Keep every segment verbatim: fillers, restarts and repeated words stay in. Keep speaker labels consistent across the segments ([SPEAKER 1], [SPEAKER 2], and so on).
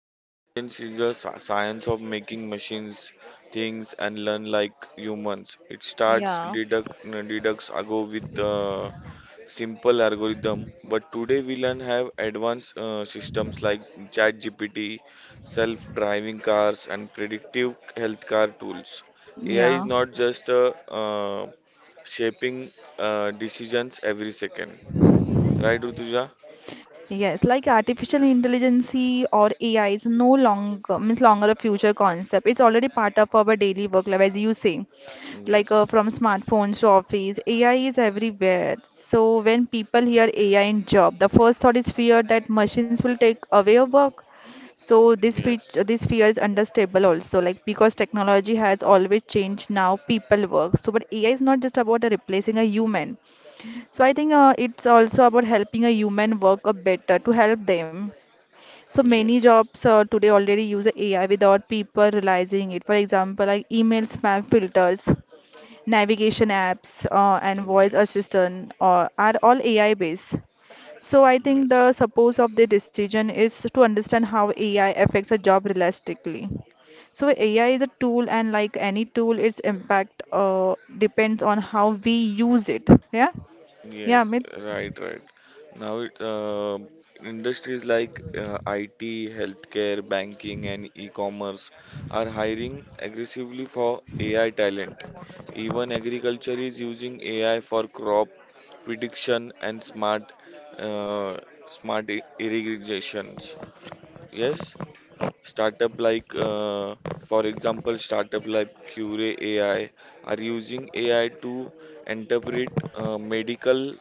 [SPEAKER 1] intelligence is a sci- science of making machines things and learn like humans. It starts
[SPEAKER 2] yeah,
[SPEAKER 1] deduct deducts ago with uh, simple algorithm, but today we learn have advanced uh, systems like ChatGPT, self-driving cars, and predictive healthcare tools. A I is
[SPEAKER 2] yeah,
[SPEAKER 1] not just uh, uh, shaping uh, decisions every second, right, Rutuja?
[SPEAKER 2] yes. Like artificial intelligence or A I is no longer means longer a future concept. It's already part of our daily work life, as you say. Like
[SPEAKER 1] Yes,
[SPEAKER 2] uh, from smartphones to office, A I is everywhere. So when people hear A I in job, the first thought is fear that machines will take away your work. So this
[SPEAKER 1] yes.
[SPEAKER 2] feature, this fear is understandable also, like because technology has always changed now people work. So but A I is not just about uh, replacing a human. So I think uh, it's also about helping a human work a better to help them. So many
[SPEAKER 1] Yes,
[SPEAKER 2] jobs uh, today already use A I without people realizing it. For example, like email spam filters, navigation apps, uh, and voice
[SPEAKER 1] yes,
[SPEAKER 2] assistant uh, are all A I based. So I think
[SPEAKER 1] yes,
[SPEAKER 2] the purpose of the decision is to understand how A I affects a job realistically. So A I is a tool, and like any tool, its impact uh, depends on how we use it. Yeah, yeah,
[SPEAKER 1] yes,
[SPEAKER 2] Amit.
[SPEAKER 1] right, right. Now it uh, industries like uh, I T, healthcare, banking, and e-commerce are hiring aggressively for A I talent. Even agriculture is using A I for crop prediction and smart uh, smart i- irrigations. Yes. Startup like, uh, for example, startup like Cure A I are using A I to interpret uh, medical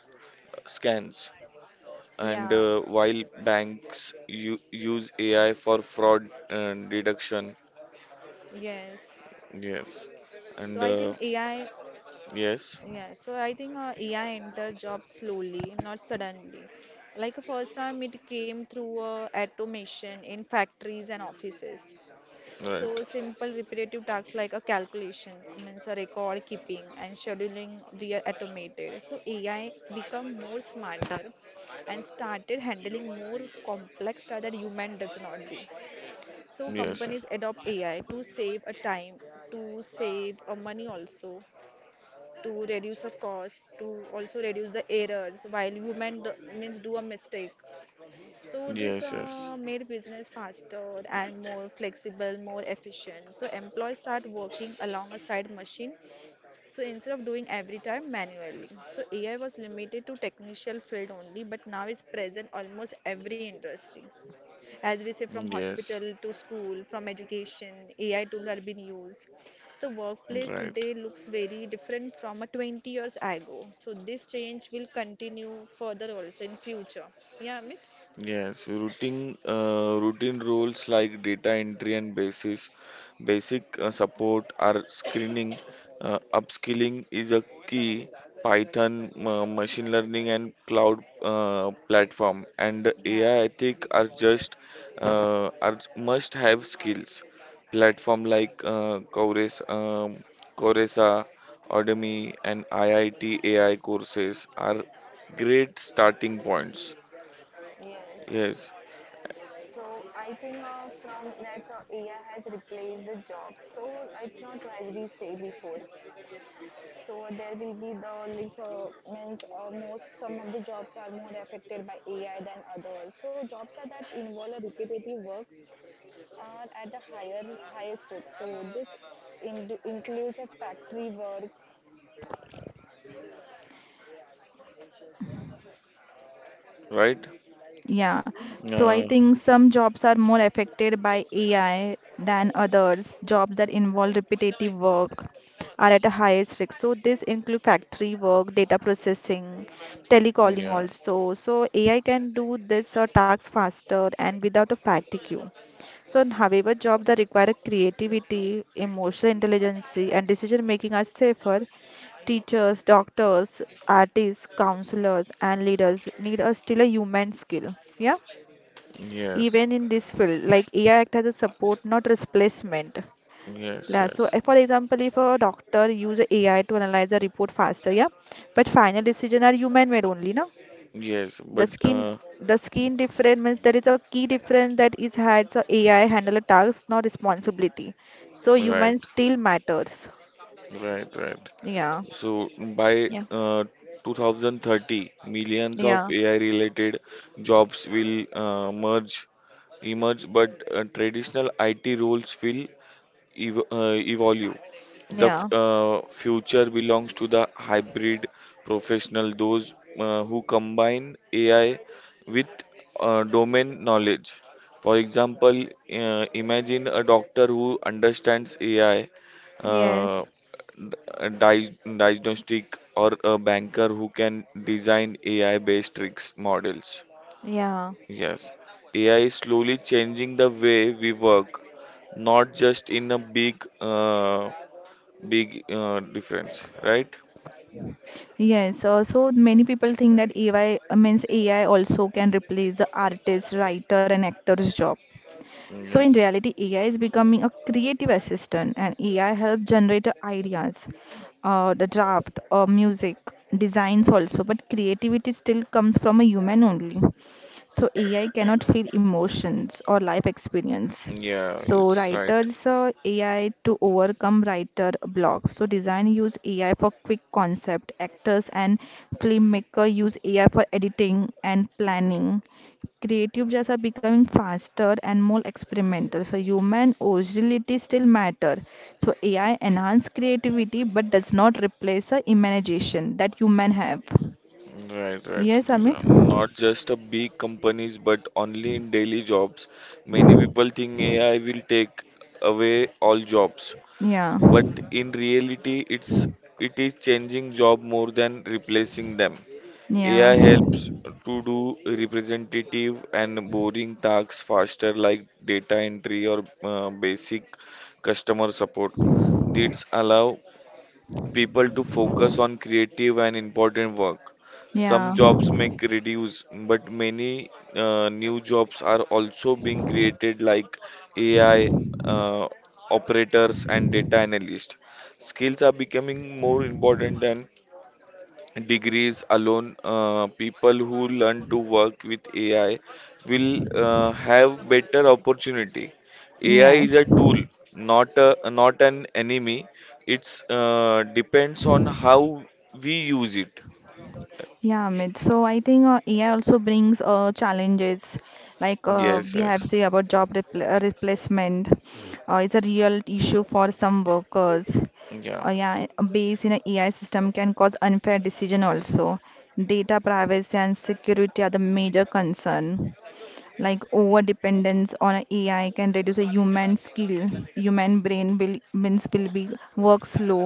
[SPEAKER 1] scans, and
[SPEAKER 2] Yeah,
[SPEAKER 1] uh, while banks u- use A I for fraud uh, detection.
[SPEAKER 2] yes.
[SPEAKER 1] Yes,
[SPEAKER 2] So
[SPEAKER 1] and
[SPEAKER 2] I
[SPEAKER 1] uh,
[SPEAKER 2] think AI,
[SPEAKER 1] yes,
[SPEAKER 2] yeah, so I think uh, A I entered jobs slowly, not suddenly. Like uh, first time it came through uh, automation in factories and offices.
[SPEAKER 1] right.
[SPEAKER 2] So simple repetitive tasks like a calculation, means a record keeping and scheduling were automated. So A I become more smarter and started handling more complex tasks that human does not do. So
[SPEAKER 1] Yes,
[SPEAKER 2] companies adopt A I to save a time, to save a money also, to reduce a cost, to also reduce the errors while human do, means do a mistake. So this
[SPEAKER 1] yes,
[SPEAKER 2] uh, made business faster and more flexible, more efficient. So employees start working alongside machine. So instead of doing every time manually. So A I was limited to technical field only, but now is present almost every industry as we say, from
[SPEAKER 1] yes, yes,
[SPEAKER 2] hospital to school, from education, A I tools are being used. The workplace
[SPEAKER 1] right.
[SPEAKER 2] today looks very different from a twenty years ago. So this change will continue further also in future. Yeah, Amit?
[SPEAKER 1] Yes, routine uh, routine roles like data entry and basis basic uh, support are screening. Uh, upskilling is a key. Python, ma- machine learning, and cloud uh, platform and
[SPEAKER 2] Yeah.
[SPEAKER 1] A I ethic are just uh, are must-have skills. Platform like uh, Cores, um, Coursera, Udemy, and I I T A I courses are great starting points.
[SPEAKER 2] Yes.
[SPEAKER 1] Yes,
[SPEAKER 2] So I think uh, from that's how A I has replaced the job. So it's not as we say before. So there will be the links of means uh, most some of the jobs are more affected by A I than others. So jobs are that involve a repetitive work are at a higher higher risk. So this in, includes a factory work,
[SPEAKER 1] right?
[SPEAKER 2] Yeah, so I
[SPEAKER 1] Uh,
[SPEAKER 2] think some jobs are more affected by A I than others. Jobs that involve repetitive work are at a highest risk. So this include factory work, data processing, telecalling
[SPEAKER 1] yeah,
[SPEAKER 2] also. So A I can do this or tasks faster and without a fatigue. So, in however, jobs that require creativity, emotional intelligence, and decision making are safer. Teachers, doctors, artists, counselors, and leaders need a still a human skill. Yeah,
[SPEAKER 1] yes,
[SPEAKER 2] even in this field, like A I act as a support, not replacement.
[SPEAKER 1] yes,
[SPEAKER 2] Yeah, so
[SPEAKER 1] yes,
[SPEAKER 2] uh, for example, if a doctor use A I to analyze a report faster, yeah, but final decision are human made only, na
[SPEAKER 1] yes,
[SPEAKER 2] the
[SPEAKER 1] but
[SPEAKER 2] skin
[SPEAKER 1] uh,
[SPEAKER 2] the skin difference means there is a key difference that is had so AI handle a task not responsibility so
[SPEAKER 1] right,
[SPEAKER 2] human still matters.
[SPEAKER 1] right, right.
[SPEAKER 2] yeah
[SPEAKER 1] So by
[SPEAKER 2] yeah
[SPEAKER 1] uh, two thousand thirty, millions
[SPEAKER 2] yeah
[SPEAKER 1] of A I-related jobs will uh, merge, emerge, but uh, traditional I T roles will ev- uh, evolve. The f-
[SPEAKER 2] yeah
[SPEAKER 1] uh, future belongs to the hybrid professional, those uh, who combine A I with uh, domain knowledge. For example, uh, imagine a doctor who understands A I,
[SPEAKER 2] yes
[SPEAKER 1] uh, d- uh, diag- diagnostic, or a banker who can design A I-based tricks models.
[SPEAKER 2] yeah
[SPEAKER 1] Yes, A I is slowly changing the way we work, not just in a big, uh, big uh, difference, right?
[SPEAKER 2] Yes, uh, so many people think that A I uh, means A I also can replace the artist, writer, and actor's job. So in
[SPEAKER 1] Yes.
[SPEAKER 2] reality, A I is becoming a creative assistant, and A I helps generate ideas, uh, the draft, uh, music, designs also. But creativity still comes from a human only. So A I cannot feel emotions or life experience.
[SPEAKER 1] Yeah,
[SPEAKER 2] So
[SPEAKER 1] it's right.
[SPEAKER 2] writers uh, A I to overcome writer block. So design use A I for quick concept. Actors and filmmaker use A I for editing and planning. Creative jobs are becoming faster and more experimental. So human originality still matter. So A I enhance creativity but does not replace the imagination that human have.
[SPEAKER 1] Right, right,
[SPEAKER 2] Yes,
[SPEAKER 1] Tuja.
[SPEAKER 2] Amit?
[SPEAKER 1] Not just a big companies, but only in daily jobs. Many people think A I will take away all jobs,
[SPEAKER 2] Yeah.
[SPEAKER 1] but in reality it's it is changing job more than replacing them.
[SPEAKER 2] Yeah.
[SPEAKER 1] A I helps to do representative and boring tasks faster like data entry or uh, basic customer support. This allow people to focus on creative and important work. Some
[SPEAKER 2] Yeah,
[SPEAKER 1] jobs may reduce, but many uh, new jobs are also being created, like A I uh, operators and data analysts. Skills are becoming more important than degrees alone. Uh, people who learn to work with A I will uh, have better opportunity. A I is
[SPEAKER 2] yes.
[SPEAKER 1] a tool, not a, not an enemy. It's uh, depends on how we use it.
[SPEAKER 2] Yeah, Amit. So I think uh, A I also brings uh, challenges like uh,
[SPEAKER 1] Yes,
[SPEAKER 2] we have
[SPEAKER 1] yes.
[SPEAKER 2] say about job repl uh, replacement uh, is a real issue for some workers.
[SPEAKER 1] Yeah.
[SPEAKER 2] Uh, yeah, a base in an A I system can cause unfair decision also. Data privacy and security are the major concern. Like over
[SPEAKER 1] Mm.
[SPEAKER 2] dependence on a AI can reduce a human skill. Human brain will means will be work slow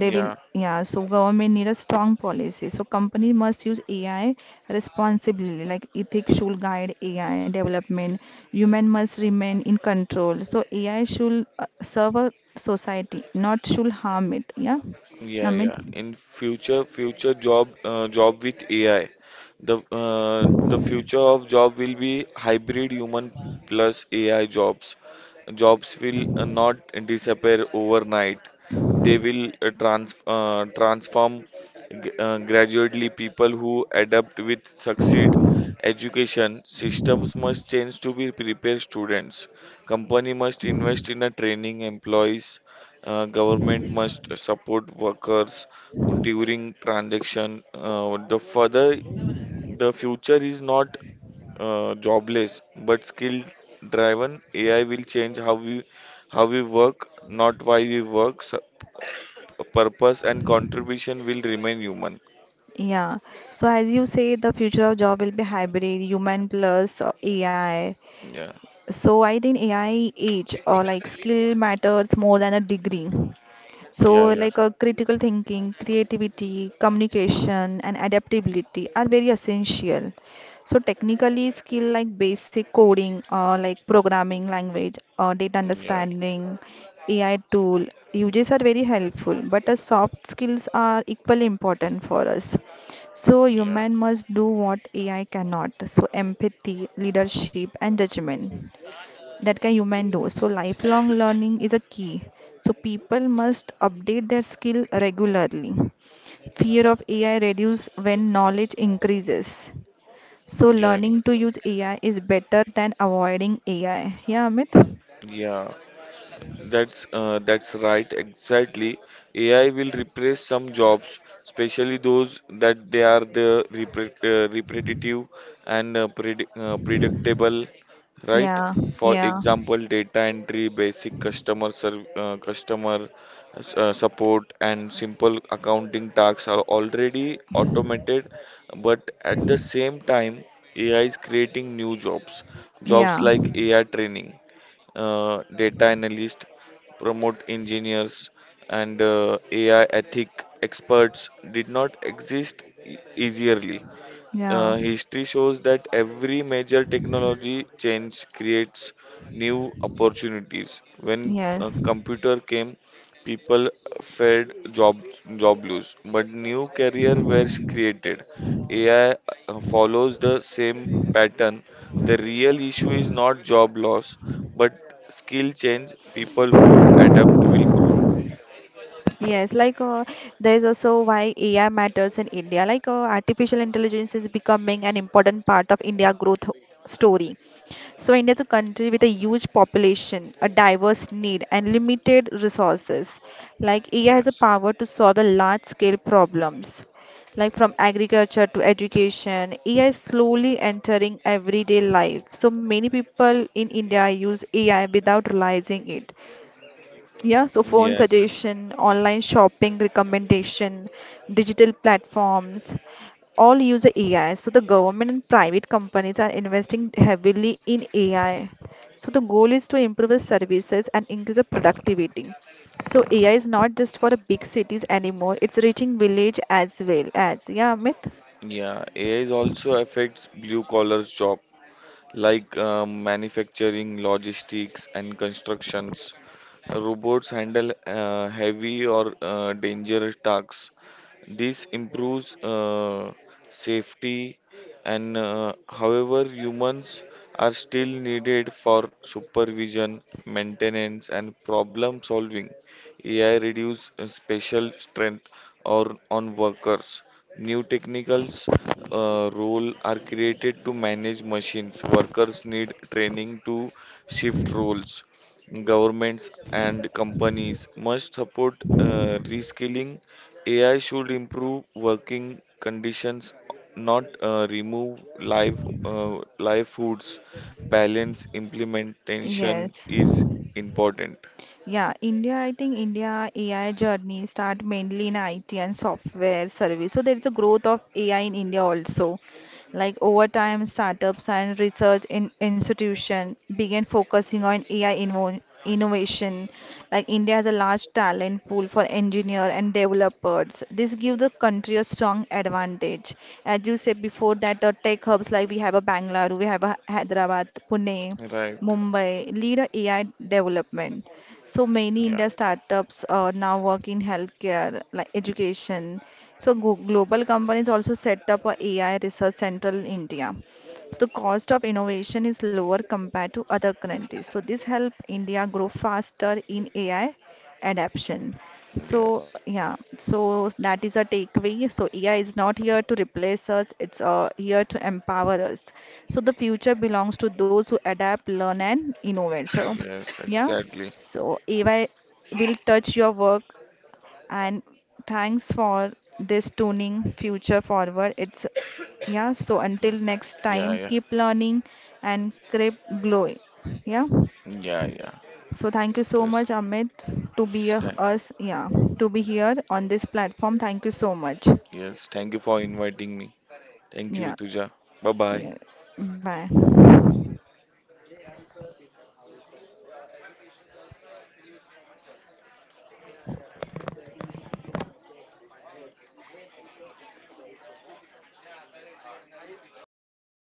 [SPEAKER 2] they will
[SPEAKER 1] Yeah.
[SPEAKER 2] yeah so government need a strong policy so company must use AI responsibly like ethics should guide AI development human must remain in control so AI should uh, serve a society not should harm it yeah
[SPEAKER 1] Yeah, yeah.
[SPEAKER 2] Amit.
[SPEAKER 1] In future, future job, uh, job with A I, the uh, the future of job will be hybrid human plus A I jobs. Jobs will uh, not disappear overnight. They will uh, trans uh, transform g- uh, gradually. People who adapt with succeed. Education systems must change to be prepare students. Company must invest in a training employees. Uh, government must support workers during transaction. Uh, the further the future is not uh, jobless but skill driven. A I will change how we how we work, not why we work. Su- purpose and contribution will remain human.
[SPEAKER 2] Yeah, so as you say the future of job will be hybrid human plus uh, AI
[SPEAKER 1] Yeah,
[SPEAKER 2] so I think AI age or like skill matters more than a degree. So,
[SPEAKER 1] yeah, yeah,
[SPEAKER 2] like uh, critical thinking, creativity, communication, and adaptability are very essential. So, technically, skill like basic coding, uh, like programming language, uh, data
[SPEAKER 1] yeah,
[SPEAKER 2] understanding, A I tool uses are very helpful. But uh, soft skills are equally important for us. So,
[SPEAKER 1] yeah,
[SPEAKER 2] human must do what A I cannot. So, empathy, leadership, and judgment that can human do. So lifelong learning is a key. So people must update their skill regularly. Fear of A I reduces when knowledge increases. So
[SPEAKER 1] yeah,
[SPEAKER 2] learning to use A I is better than avoiding A I. Yeah, Amit?
[SPEAKER 1] yeah. That's uh, that's right, exactly. A I will replace some jobs, especially those that they are the repre uh, repetitive and uh, predi uh, predictable, right?
[SPEAKER 2] Yeah,
[SPEAKER 1] For
[SPEAKER 2] yeah,
[SPEAKER 1] example, data entry, basic customer serv uh, customer s- uh, support, and simple accounting tasks are already automated, but at the same time, A I is creating new jobs, jobs
[SPEAKER 2] yeah,
[SPEAKER 1] like A I training uh, data analysts, promote engineers, and uh, A I ethic experts did not exist e- easily.
[SPEAKER 2] yeah,
[SPEAKER 1] Uh, history shows that every major technology change creates new opportunities. When uh,
[SPEAKER 2] yes.
[SPEAKER 1] computer came, people feared job job loss, but new career were created. A I uh, follows the same pattern. The real issue is not job loss, but skill change. People who adapt will grow.
[SPEAKER 2] Yes, like uh, there is also why A I matters in India. Like uh, artificial intelligence is becoming an important part of India growth story. So India is a country with a huge population, a diverse need, and limited resources. Like A I has a
[SPEAKER 1] Yes.
[SPEAKER 2] power to solve a large scale problems. Like from agriculture to education, A I is slowly entering everyday life. So many people in India use A I without realizing it. Yeah, so phone
[SPEAKER 1] Yes, yes.
[SPEAKER 2] suggestion, online shopping recommendation, digital platforms, all use A I. So the government and private companies are investing heavily in A I. So the goal is to improve the services and increase the productivity. So A I is not just for the big cities anymore, it's reaching village as well as, yeah, Amit?
[SPEAKER 1] Yeah, A I is also affects blue collars job, like uh, manufacturing, logistics, and constructions. Robots handle uh, heavy or uh, dangerous tasks. This improves uh, safety, and uh, however, humans are still needed for supervision, maintenance, and problem solving. A I reduce uh, special strength or on workers. New technicals uh, role are created to manage machines. Workers need training to shift roles. Governments and companies must support uh, reskilling. A I should improve working conditions, not uh, remove live uh, live foods. Balance implementation
[SPEAKER 2] Yes.
[SPEAKER 1] is important.
[SPEAKER 2] Yeah, India, I think India A I journey start mainly in I T and software service. So there is a growth of A I in India also. Like over time, startups and research in institution began focusing on A I invo innovation. Like India has a large talent pool for engineer and developers. This gives the country a strong advantage. As you said before that the tech hubs like we have a Bangalore, we have a Hyderabad, Pune,
[SPEAKER 1] Right.
[SPEAKER 2] Mumbai lead a AI development. So many
[SPEAKER 1] Yeah.
[SPEAKER 2] India startups uh, now work in healthcare, like education. So go global companies also set up a AI research center in India. So the cost of innovation is lower compared to other countries. So this help India grow faster in A I adoption. So
[SPEAKER 1] Yes.
[SPEAKER 2] yeah, so that is a takeaway. So A I is not here to replace us, it's uh, here to empower us. So the future belongs to those who adapt, learn and innovate. So
[SPEAKER 1] Yes.
[SPEAKER 2] yeah,
[SPEAKER 1] Exactly.
[SPEAKER 2] so, A I will touch your work and thanks for this tuning future forward. It's yeah, so
[SPEAKER 1] Mm.
[SPEAKER 2] until next
[SPEAKER 1] Yeah.
[SPEAKER 2] time,
[SPEAKER 1] Yeah.
[SPEAKER 2] keep learning and keep glowing. Yeah.
[SPEAKER 1] Yeah. Yeah.
[SPEAKER 2] So thank you so
[SPEAKER 1] Yes.
[SPEAKER 2] much, Amit, to be
[SPEAKER 1] Yes,
[SPEAKER 2] a,
[SPEAKER 1] thank
[SPEAKER 2] us. Yeah, to be here on this platform. Thank you so much.
[SPEAKER 1] yes, thank you for inviting me. Thank you,
[SPEAKER 2] Yeah.
[SPEAKER 1] Rutuja. Bye bye.
[SPEAKER 2] Yeah. Bye.